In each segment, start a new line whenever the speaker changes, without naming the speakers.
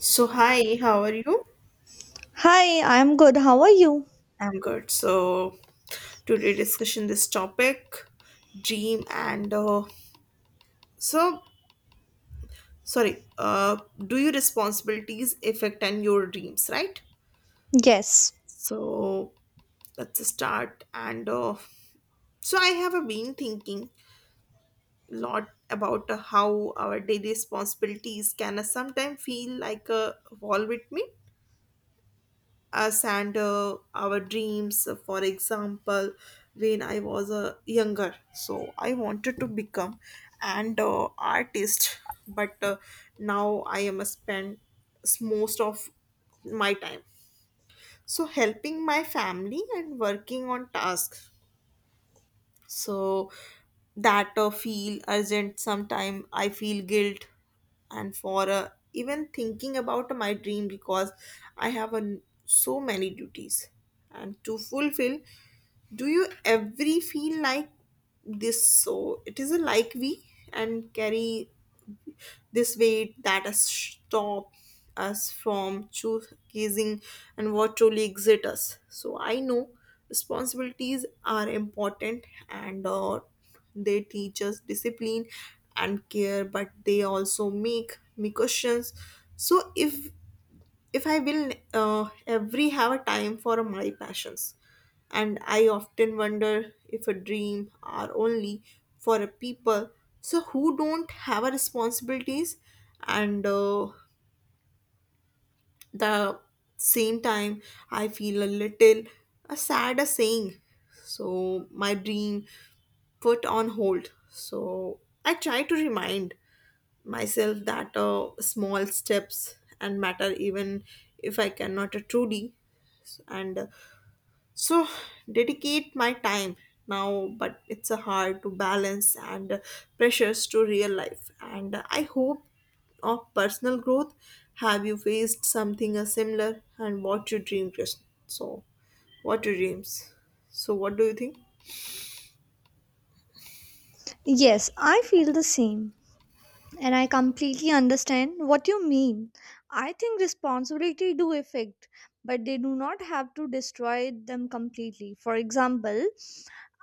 So hi, how are you?
Hi, I'm good. How are you?
I'm good. So today discussion this topic, dream and so sorry. Do your responsibilities affect and your dreams, right?
Yes,
So let's start. And I have been thinking a lot about how our daily responsibilities can sometimes feel like a wall with me us and our dreams. For example, when I was younger, so I wanted to become an artist, but now I am a spend most of my time so helping my family and working on tasks so that feel urgent. Sometime I feel guilt and for even thinking about my dream because I have a, so many duties and to fulfill. Do you every feel like this, so it is a like we and carry this weight that has stopped us from choosing and what truly exit us. So I know responsibilities are important, and they teach us discipline and care, but they also make me questions. So if I will every have a time for my passions, and I often wonder if a dream are only for a people so who don't have a responsibilities, and the same time I feel a little a sad a saying, so my dream put on hold. So I try to remind myself that small steps and matter even if I cannot truly and so dedicate my time now, but it's a hard to balance and pressures to real life and I hope of personal growth. Have you faced something similar and what you dream, Krishna? So what your dreams, so what do you think?
yes, I feel the same. And I completely understand what you mean. I think responsibility do affect, but they do not have to destroy them completely. For example,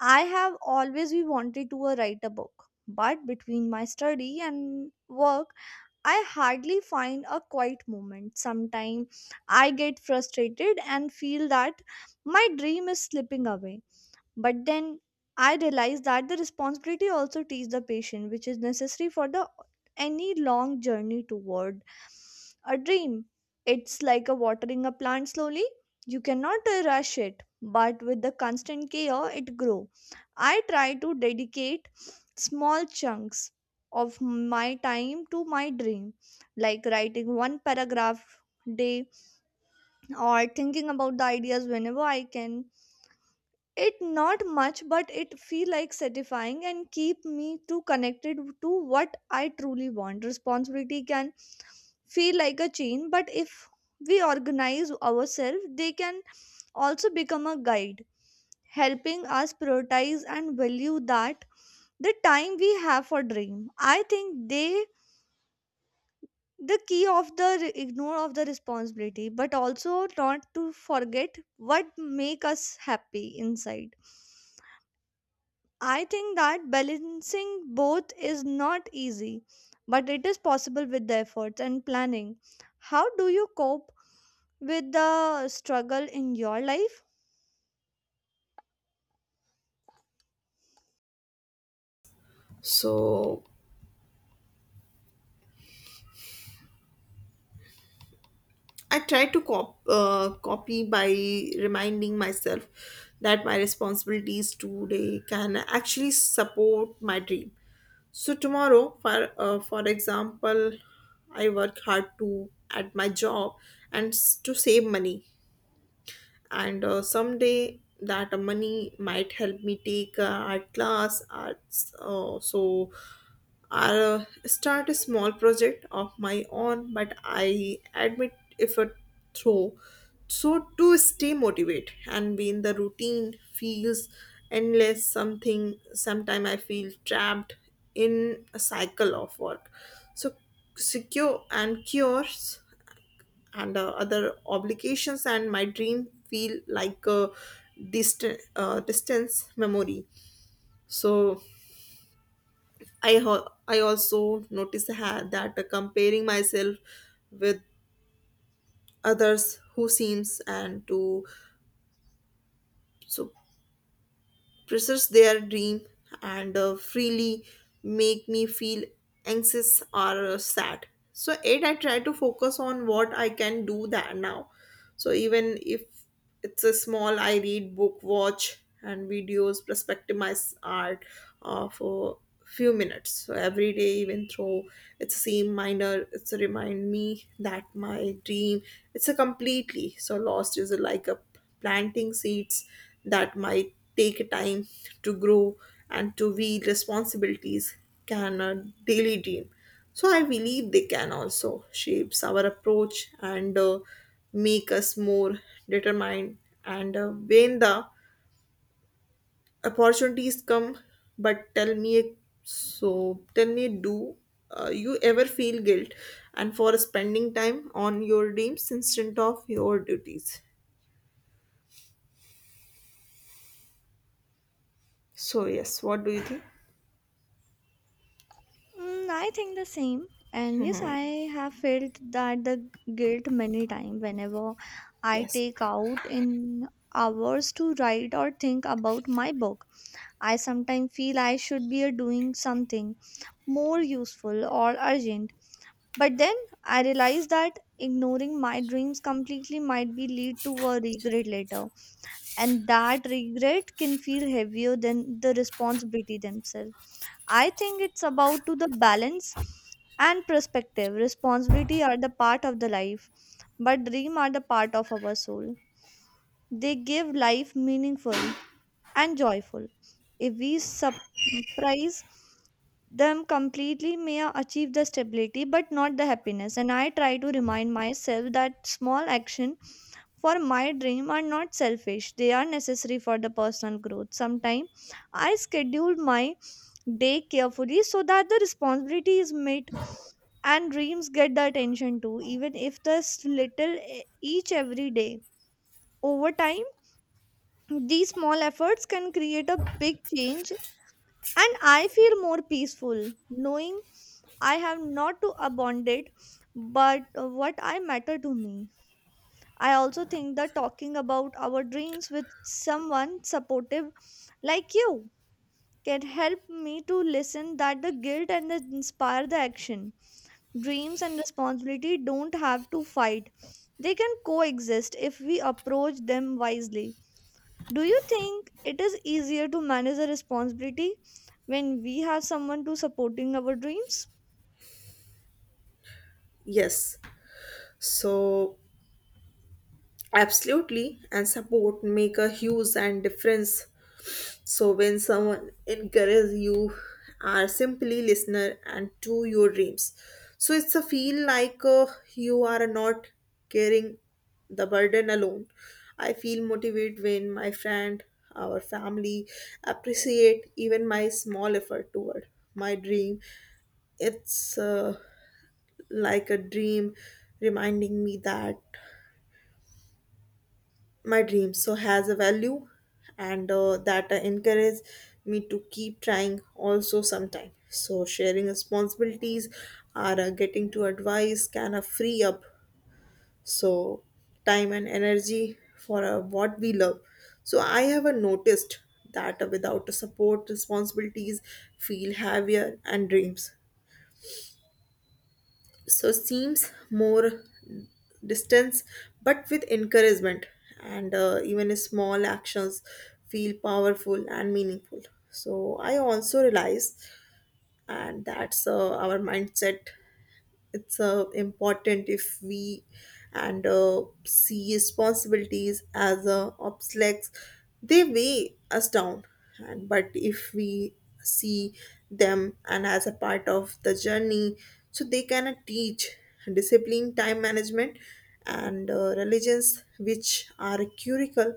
I have always been wanted to write a book, but between my study and work, I hardly find a quiet moment. Sometimes I get frustrated and feel that my dream is slipping away. But then I realized that the responsibility also teaches the patient, which is necessary for the any long journey toward a dream. It's like a watering a plant slowly. You cannot rush it, but with the constant care, it grow. I try to dedicate small chunks of my time to my dream, like writing one paragraph day or thinking about the ideas whenever I can. It not much, but it feel like satisfying and keep me too connected to what I truly want. Responsibility can feel like a chain, but if we organize ourselves they can also become a guide, helping us prioritize and value that the time we have for dream. I think they the key of the ignore of the responsibility but also not to forget what make us happy inside. I think that balancing both is not easy, but it is possible with the efforts and planning. How do you cope with the struggle in your life?
So I try to copy by reminding myself that my responsibilities today can actually support my dream. So tomorrow, for example, I work hard to at my job and to save money, and someday that money might help me take art class, arts, so I'll start a small project of my own, but I admit effort through. So to stay motivated and be in the routine feels endless. Something sometime I feel trapped in a cycle of work. So secure and cures and other obligations and my dream feel like a distant distance memory so I I also notice that comparing myself with others who seems and to so pursue their dream and freely make me feel anxious or sad. So it, I try to focus on what I can do that now. So even if it's a small, I read book, watch and videos, perspective my art for few minutes so every day, even though it's same minor, it's a remind me that my dream it's a completely so lost is a like a planting seeds that might take time to grow and to be responsibilities can a daily dream. So I believe they can also shapes our approach and make us more determined and when the opportunities come. But tell me, so tell me, do you ever feel guilt and for spending time on your dreams instead of your duties? So yes, what do you think?
I think the same. And yes, I have felt that the guilt many times whenever I
Yes.
take out in hours to write or think about my book. I sometimes feel I should be doing something more useful or urgent. But then I realized that ignoring my dreams completely might be lead to a regret later. And that regret can feel heavier than the responsibility themselves. I think it's about to the balance and perspective. Responsibility are the part of the life, but dream are the part of our soul. They give life meaningful and joyful. If we surprise them completely, may I achieve the stability but not the happiness. And I try to remind myself that small action for my dream are not selfish, they are necessary for the personal growth. Sometimes I schedule my day carefully so that the responsibility is met and dreams get the attention too, even if the little each every day. Over time, these small efforts can create a big change and I feel more peaceful, knowing I have not to abandon it, but what I matter to me. I also think that talking about our dreams with someone supportive like you can help me to listen that the guilt and the inspire the action. Dreams and responsibility don't have to fight. They can coexist if we approach them wisely. Do you think it is easier to manage the responsibility when we have someone to supporting our dreams?
Yes, so absolutely, and support make a huge and difference. So when someone encourages you, are simply listener and to your dreams. So it's a feel like you are not carrying the burden alone. I feel motivated when my friend, our family appreciate even my small effort toward my dream. It's like a dream reminding me that my dreams so has a value and that encourage me to keep trying. Also sometime so sharing responsibilities or getting to advice kind of free up so time and energy for what we love. So I have noticed that without the support, responsibilities feel heavier and dreams so seems more distance, but with encouragement and even small actions feel powerful and meaningful. So I also realize and that's our mindset, it's important. If we and see responsibilities as obstacles, they weigh us down, and but if we see them and as a part of the journey, so they can teach discipline, time management, and religions, which are curical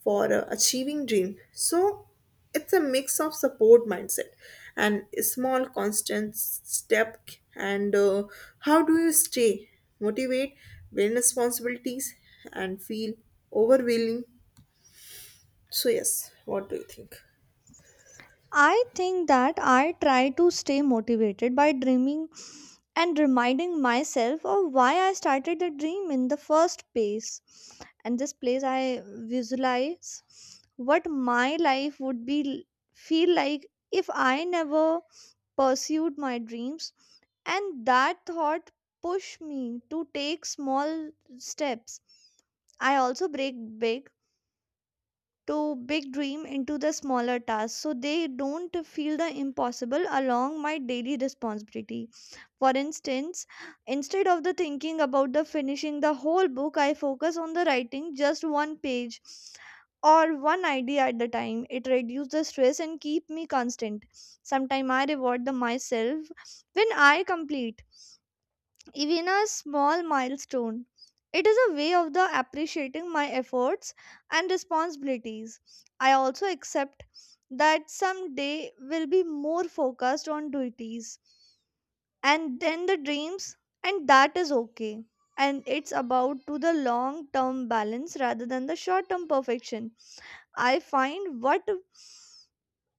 for achieving dream. So it's a mix of support, mindset, and small constant step. And how do you stay motivate when responsibilities and feel overwhelming? So yes, what do you think?
I think that I try to stay motivated by dreaming and reminding myself of why I started the dream in the first place. And this place I visualize what my life would be feel like if I never pursued my dreams, and that thought pushed me to take small steps. I also break big dream into the smaller tasks so they don't feel the impossible along my daily responsibility. For instance, instead of the thinking about the finishing the whole book, I focus on the writing just one page or one idea at the time. It reduces the stress and keep me constant. Sometimes I reward the myself when I complete even a small milestone. It is a way of the appreciating my efforts and responsibilities. I also accept that some day will be more focused on duties and then the dreams, and that is okay. And it's about to the long term balance rather than the short term perfection. I find what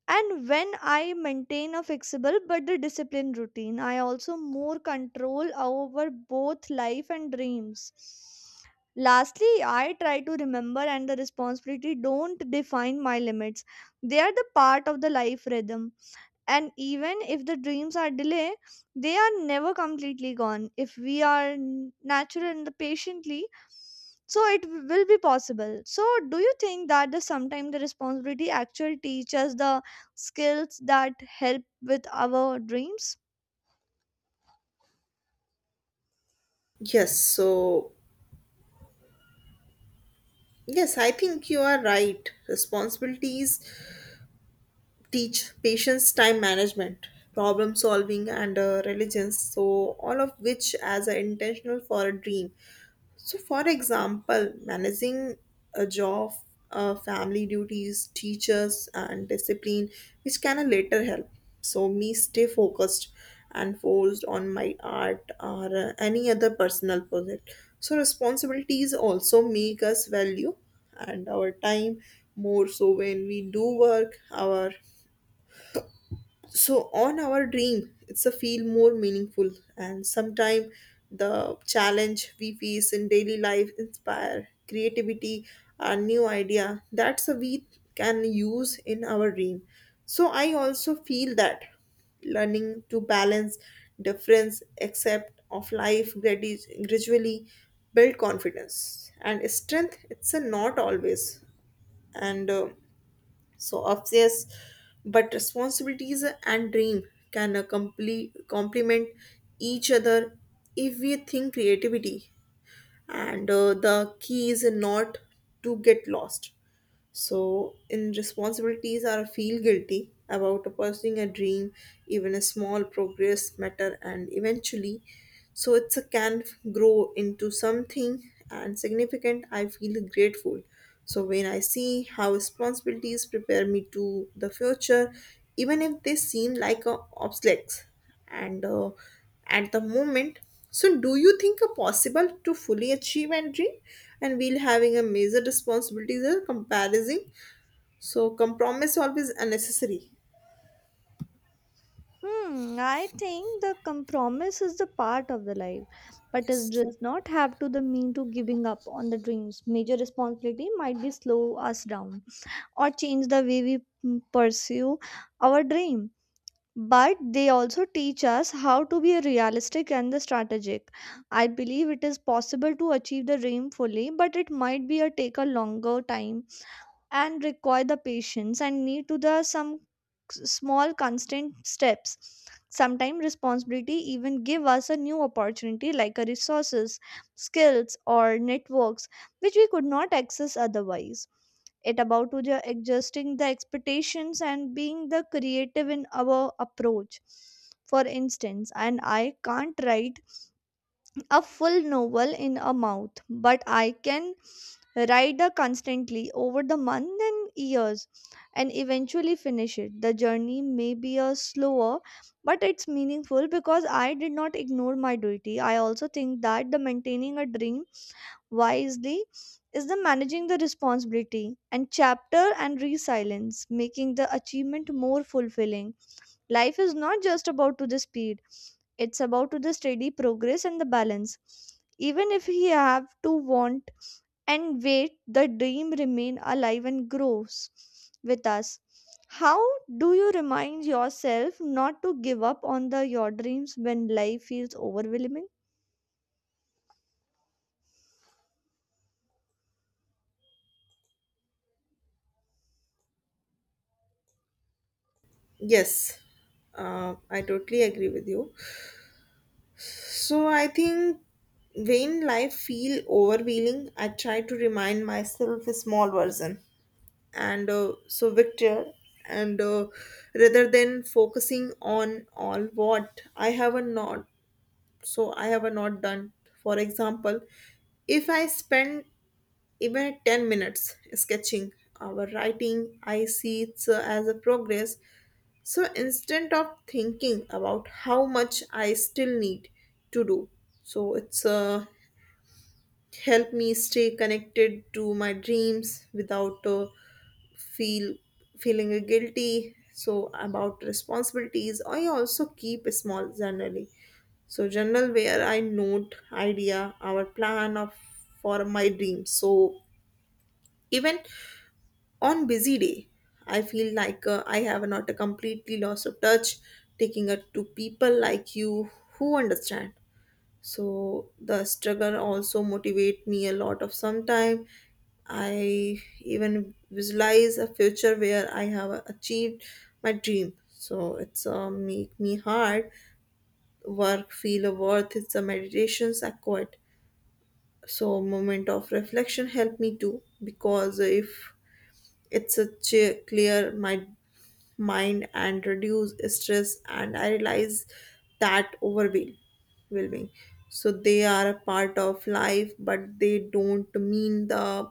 and when I maintain a flexible but the disciplined routine, I also more control over both life and dreams. Lastly, I try to remember and the responsibility don't define my limits. They are the part of the life rhythm, and even if the dreams are delayed they are never completely gone if we are natural and the patiently. So it will be possible. So do you think that the sometimes the responsibility actually teaches the skills that help with our dreams?
Yes, so yes, I think you are right. Responsibilities teach patience, time management, problem solving, and religions. So all of which as an intentional for a dream. So, for example, managing a job, family duties, teachers, and discipline, which can later help. So, me stay focused and focused on my art or any other personal project. So, responsibilities also make us value and our time more, so when we do work, our so on our dream it's a feel more meaningful. And sometimes the challenge we face in daily life inspire creativity and new idea that's a we can use in our dream. So I also feel that learning to balance difference accept of life gradually build confidence and strength. It's a not always and obvious, but responsibilities and dream can complete complement each other if we think creativity. And the key is not to get lost. So in responsibilities, are feel guilty about pursuing a dream, even a small progress matter, and eventually so it's a can grow into something and significant. I feel grateful so when I see how responsibilities prepare me to the future, even if they seem like a obstacles and at the moment. So do you think a possible to fully achieve and dream and we'll having a major responsibilities or comparison, so compromise always unnecessary?
I think the compromise is the part of the life, but it
Yes.
does not have to the mean to giving up on the dreams. Major responsibility might be slow us down or change the way we pursue our dream, but they also teach us how to be realistic and the strategic. I believe it is possible to achieve the dream fully, but it might be a take a longer time and require the patience and need to the some small constant steps. Sometimes responsibility even give us a new opportunity like a resources, skills or networks, which we could not access otherwise. It about to the adjusting the expectations and being the creative in our approach. For instance, and I can't write a full novel in a month, but I can Ride rider constantly over the months and years and eventually finish it. The journey may be a slower, but it's meaningful because I did not ignore my duty. I also think that the maintaining a dream wisely is the managing the responsibility and chapter and resilience, making the achievement more fulfilling. Life is not just about to the speed, it's about to the steady progress and the balance. Even if he have to want and wait, the dream remain alive and grows with us. How do you remind yourself not to give up on the your dreams when life feels overwhelming?
Yes, I totally agree with you. So I think when life feel overwhelming, I try to remind myself a small version, and so Victor, and rather than focusing on all what I have a not, so I have a not done. For example, if I spend even 10 minutes sketching or writing, I see it as a progress, so instead of thinking about how much I still need to do, so it's helped me stay connected to my dreams without feel feeling guilty. So about responsibilities, I also keep a small journally. So journal where I note idea, our plan of for my dreams. So even on busy day, I feel like I have not a completely loss of touch, taking it to people like you who understand. So the struggle also motivate me a lot of sometime. I even visualize a future where I have achieved my dream. So it's make me hard work feel a worth. It's a meditations I quite. So moment of reflection help me too, because if it's a clear my mind and reduce stress, and I realize that overwhelming, so they are a part of life, but they don't mean the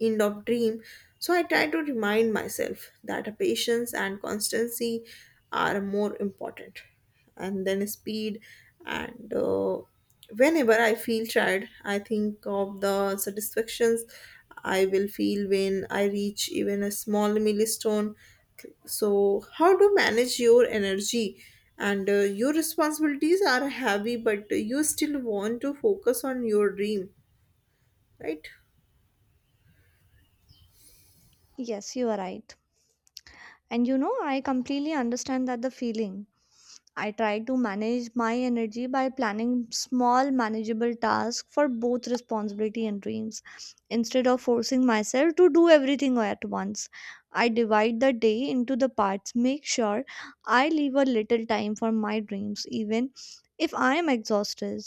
end of dream. So I try to remind myself that patience and constancy are more important and then speed, and whenever I feel tired I think of the satisfactions I will feel when I reach even a small milestone. So how to manage your energy and your responsibilities are heavy, but you still want to focus on your dream, right?
Yes, you are right. And you know, I completely understand that the feeling. I try to manage my energy by planning small, manageable tasks for both responsibility and dreams. Instead of forcing myself to do everything at once, I divide the day into the parts, make sure I leave a little time for my dreams, even if I am exhausted.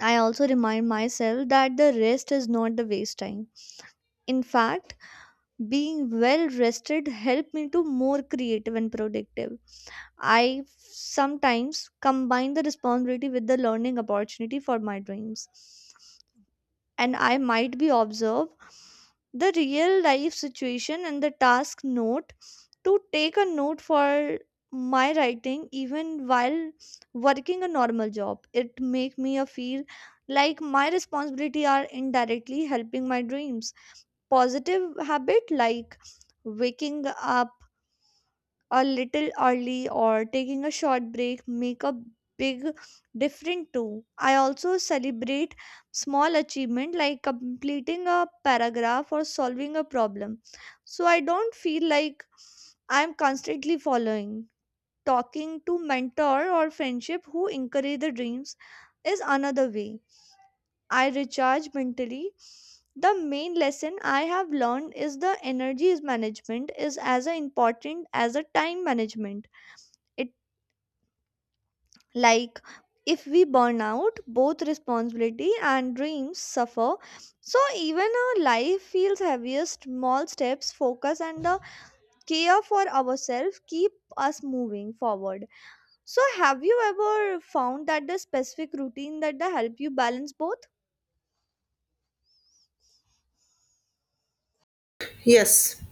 I also remind myself that the rest is not the waste time. In fact, being well rested helped me to more creative and productive. I sometimes combine the responsibility with the learning opportunity for my dreams. And I might be observe the real life situation and the task note to take a note for my writing even while working a normal job. It make me a feel like my responsibility are indirectly helping my dreams. Positive habit like waking up a little early or taking a short break make a big difference too. I also celebrate small achievement like completing a paragraph or solving a problem, so I don't feel like I'm constantly following. Talking to mentor or friendship who encourage the dreams is another way I recharge mentally. The main lesson I have learned is the energy management is as important as a time management. It like if we burn out, both responsibility and dreams suffer. So even our life feels heavier. Small steps, focus, and the care for ourselves keep us moving forward. So have you ever found that the specific routine that the help you balance both?
Yes.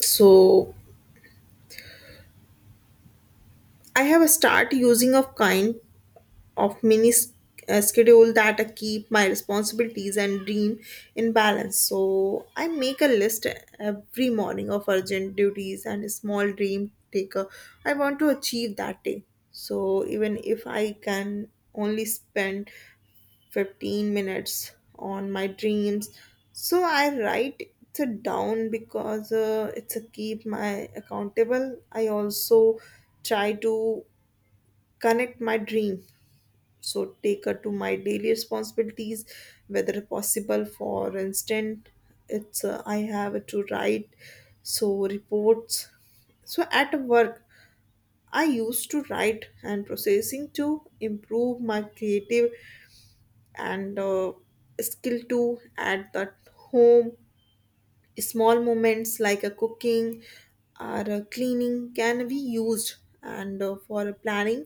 So I have start using of kind of mini schedule that I keep my responsibilities and dream in balance. So I make a list every morning of urgent duties and a small dream taker I want to achieve that day. So, even if I can only spend 15 minutes on my dreams so I write it down because it's a keep my accountable. I also try to connect my dream so take her to my daily responsibilities whether possible. For instance, it's I have to write so reports so at work. I used to write and processing to improve my creative and skill to at the home. Small moments like a cooking or a cleaning can be used, and for planning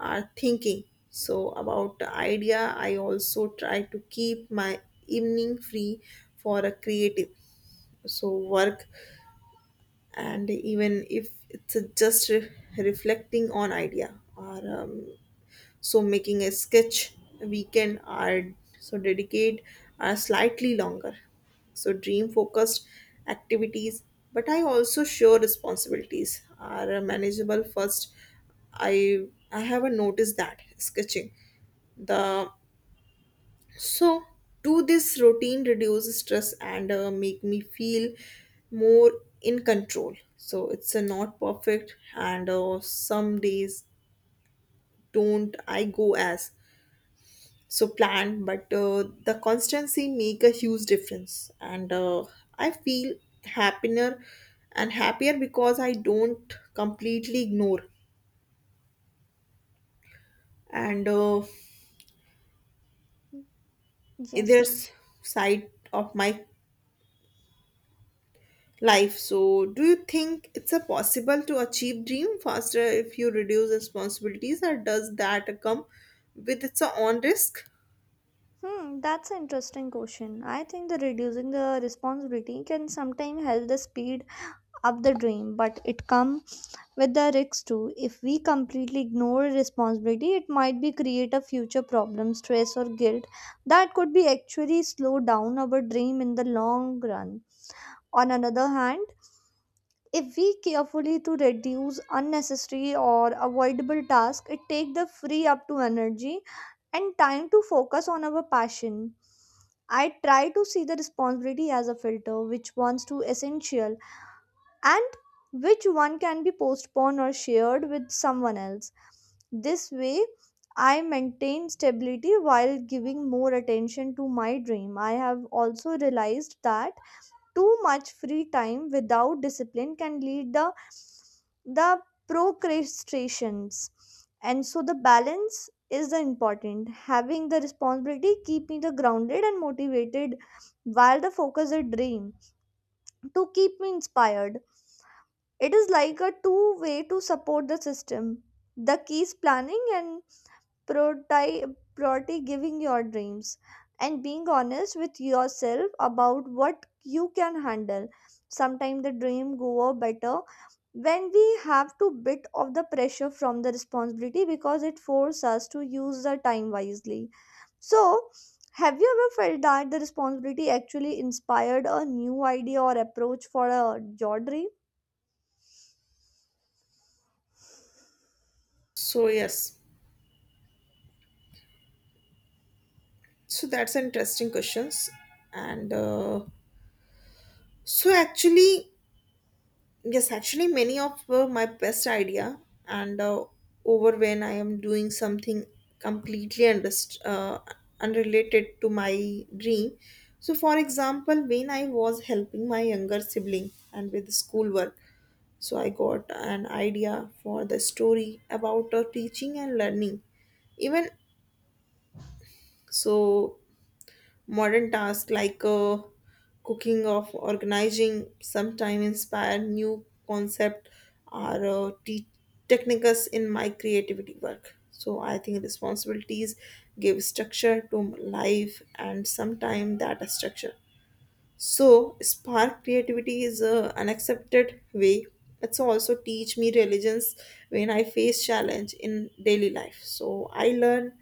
or thinking so about the idea. I also try to keep my evening free for a creative so work, and even if it's just reflecting on idea or so making a sketch. Weekend are so dedicate are slightly longer so dream focused activities, but I also share responsibilities are manageable first. I i haven't noticed that sketching the so do this routine reduce stress and make me feel more in control. So it's a not perfect, and some days don't I go as so planned, but the constancy make a huge difference, and I feel happier and happier because I don't completely ignore and either
Yes.
side of my life. So do you think it's a possible to achieve dream faster if you reduce responsibilities, or does that come with its own risk?
That's an interesting question. I think the reducing the responsibility can sometimes help the speed up the dream, but it comes with the risks too. If we completely ignore responsibility, it might be create a future problem, stress or guilt that could be actually slow down our dream in the long run. On another hand, if we carefully to reduce unnecessary or avoidable tasks, it take the free up to energy and time to focus on our passion. I try to see the responsibility as a filter, which ones to essential and which one can be postponed or shared with someone else. This way, I maintain stability while giving more attention to my dream. I have also realized that too much free time without discipline can lead the procrastinations. And so the balance is the important. Having the responsibility keep me the grounded and motivated while the focus is dream to keep me inspired. It is like a two way to support the system. The key is planning and priority, priority, giving your dreams and being honest with yourself about what you can handle. Sometimes the dream go better when we have to bit of the pressure from the responsibility because it forces us to use the time wisely. So have you ever felt that the responsibility actually inspired a new idea or approach for a, your dream?
So yes, so that's an interesting questions, and so actually, yes, actually, many of my best idea and over when I am doing something completely unrelated to my dream. So, for example, when I was helping my younger sibling and with schoolwork, so I got an idea for the story about teaching and learning. Even so, modern tasks like cooking or organizing sometimes inspire new concept or techniques in my creativity work. So I think responsibilities give structure to life, and sometimes that structure so, spark creativity is a unaccepted way. It's also teach me resilience when I face challenge in daily life. So, I learn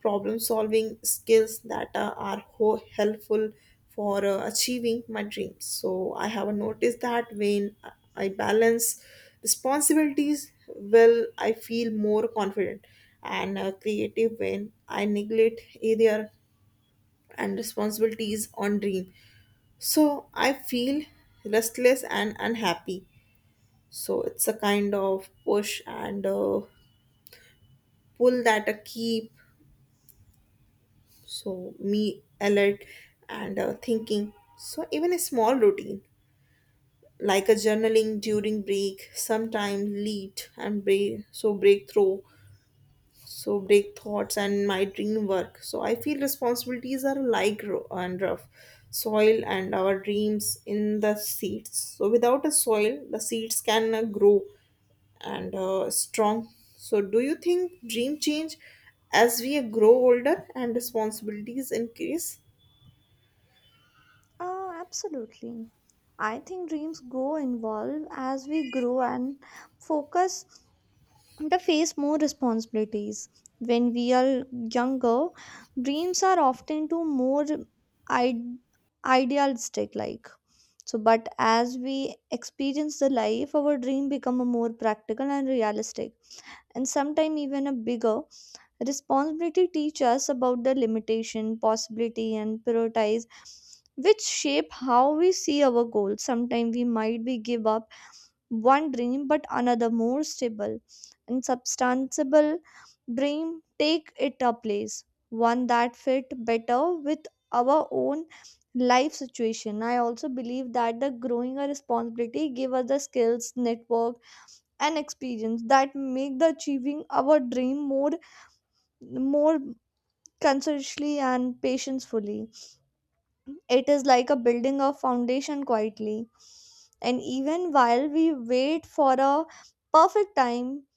problem solving skills that are helpful for achieving my dreams. So, I have noticed that when I balance responsibilities well, I feel more confident and creative. When I neglect either and responsibilities on dream, so I feel restless and unhappy. So it's a kind of push and pull that I keep. So me alert and thinking. So even a small routine like a journaling during break sometimes lead and break so breakthrough so break thoughts and my dream work so I feel responsibilities are like and rough soil and our dreams in the seeds, so without a soil the seeds can grow and strong. So, do you think dream change as we grow older and responsibilities increase?
Absolutely. I think dreams go involve as we grow and focus to face more responsibilities. When we are younger, dreams are often too more id- idealistic like. So but as we experience the life, our dream become a more practical and realistic and sometimes even a bigger. Responsibility teach us about the limitation, possibility, and prioritize which shape how we see our goals. Sometimes we might be give up one dream but another more stable and substantial dream take it a place. One that fit better with our own life situation. I also believe that the growing a responsibility give us the skills, network, and experience that make the achieving our dream more consciously and patientfully. It is like a building of foundation quietly. And even while we wait for a perfect time,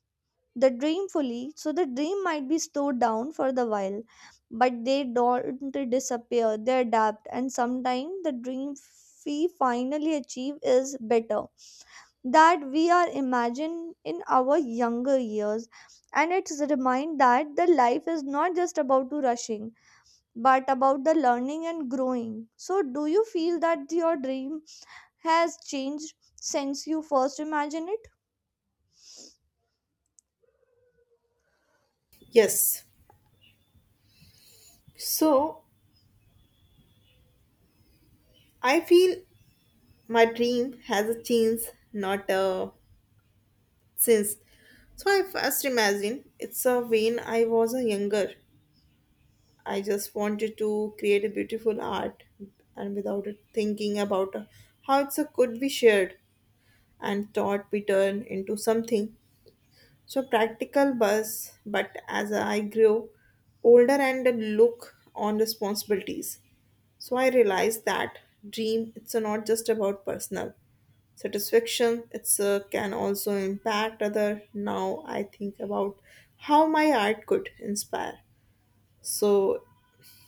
the dream fully, so the dream might be slowed down for the while, but they don't disappear, they adapt, and sometimes the dream we finally achieve is better that we are imagined in our younger years. And it's a remind that the life is not just about to rushing but about the learning and growing. So, do you feel that your dream has changed since you first imagined it?
Yes. So, I feel my dream has a change, not a since. So, I first imagine it's a when I was a younger. I just wanted to create a beautiful art and without it thinking about how it's a could be shared and thought be turned into something so practical buzz, but as I grew older and look on responsibilities, so I realized that dream it's not just about personal satisfaction. It's can also impact other. Now I think about how my art could inspire, so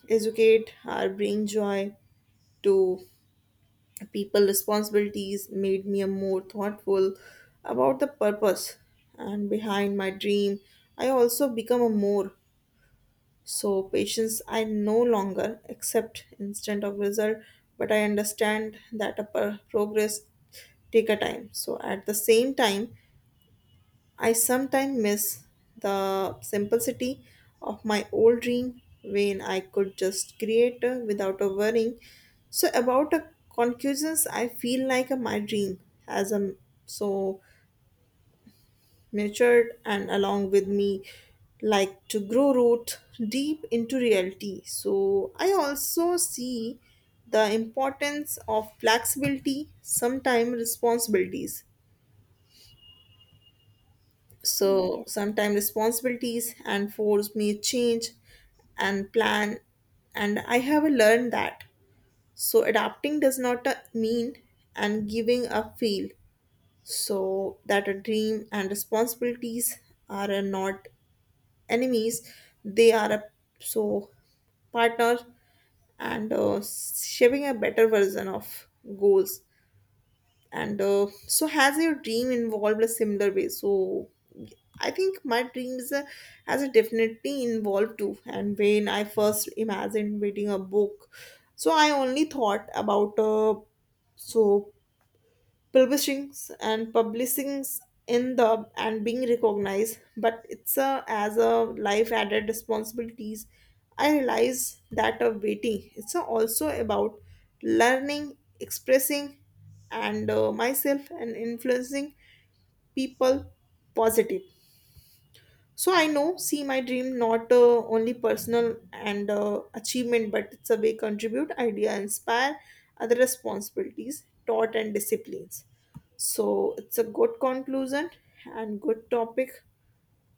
educate or bring joy to people. Responsibilities made me a more thoughtful about the purpose and behind my dream. I also become a more so patience. I no longer accept instant of result, but I understand that a progress take a time. So at the same time, I sometimes miss the simplicity of my old dream when I could just create without a worrying. So about a conclusions, I feel like my dream has so matured and along with me, like to grow root deep into reality. So I also see the importance of flexibility. Sometimes responsibilities so
Yes.
sometimes responsibilities and force may change and plan, and I have learned that. So adapting does not mean and giving up feel. So that a dream and responsibilities are not enemies; they are a so partner and shaping a better version of goals and so has your dream involved a similar way. So I think my dreams has a definitely involved too. And when I first imagined reading a book, so I only thought about so publishings and publishings in the and being recognized, but it's a as a life added responsibilities. I realize that of waiting it's a also about learning expressing and myself, and influencing people positive. So I know, see my dream not only personal and achievement, but it's a way contribute, idea, inspire other responsibilities, taught and disciplines. So it's a good conclusion and good topic.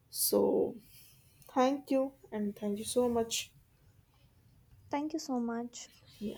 So thank you, and thank you so much.
Thank you so much.
Yeah.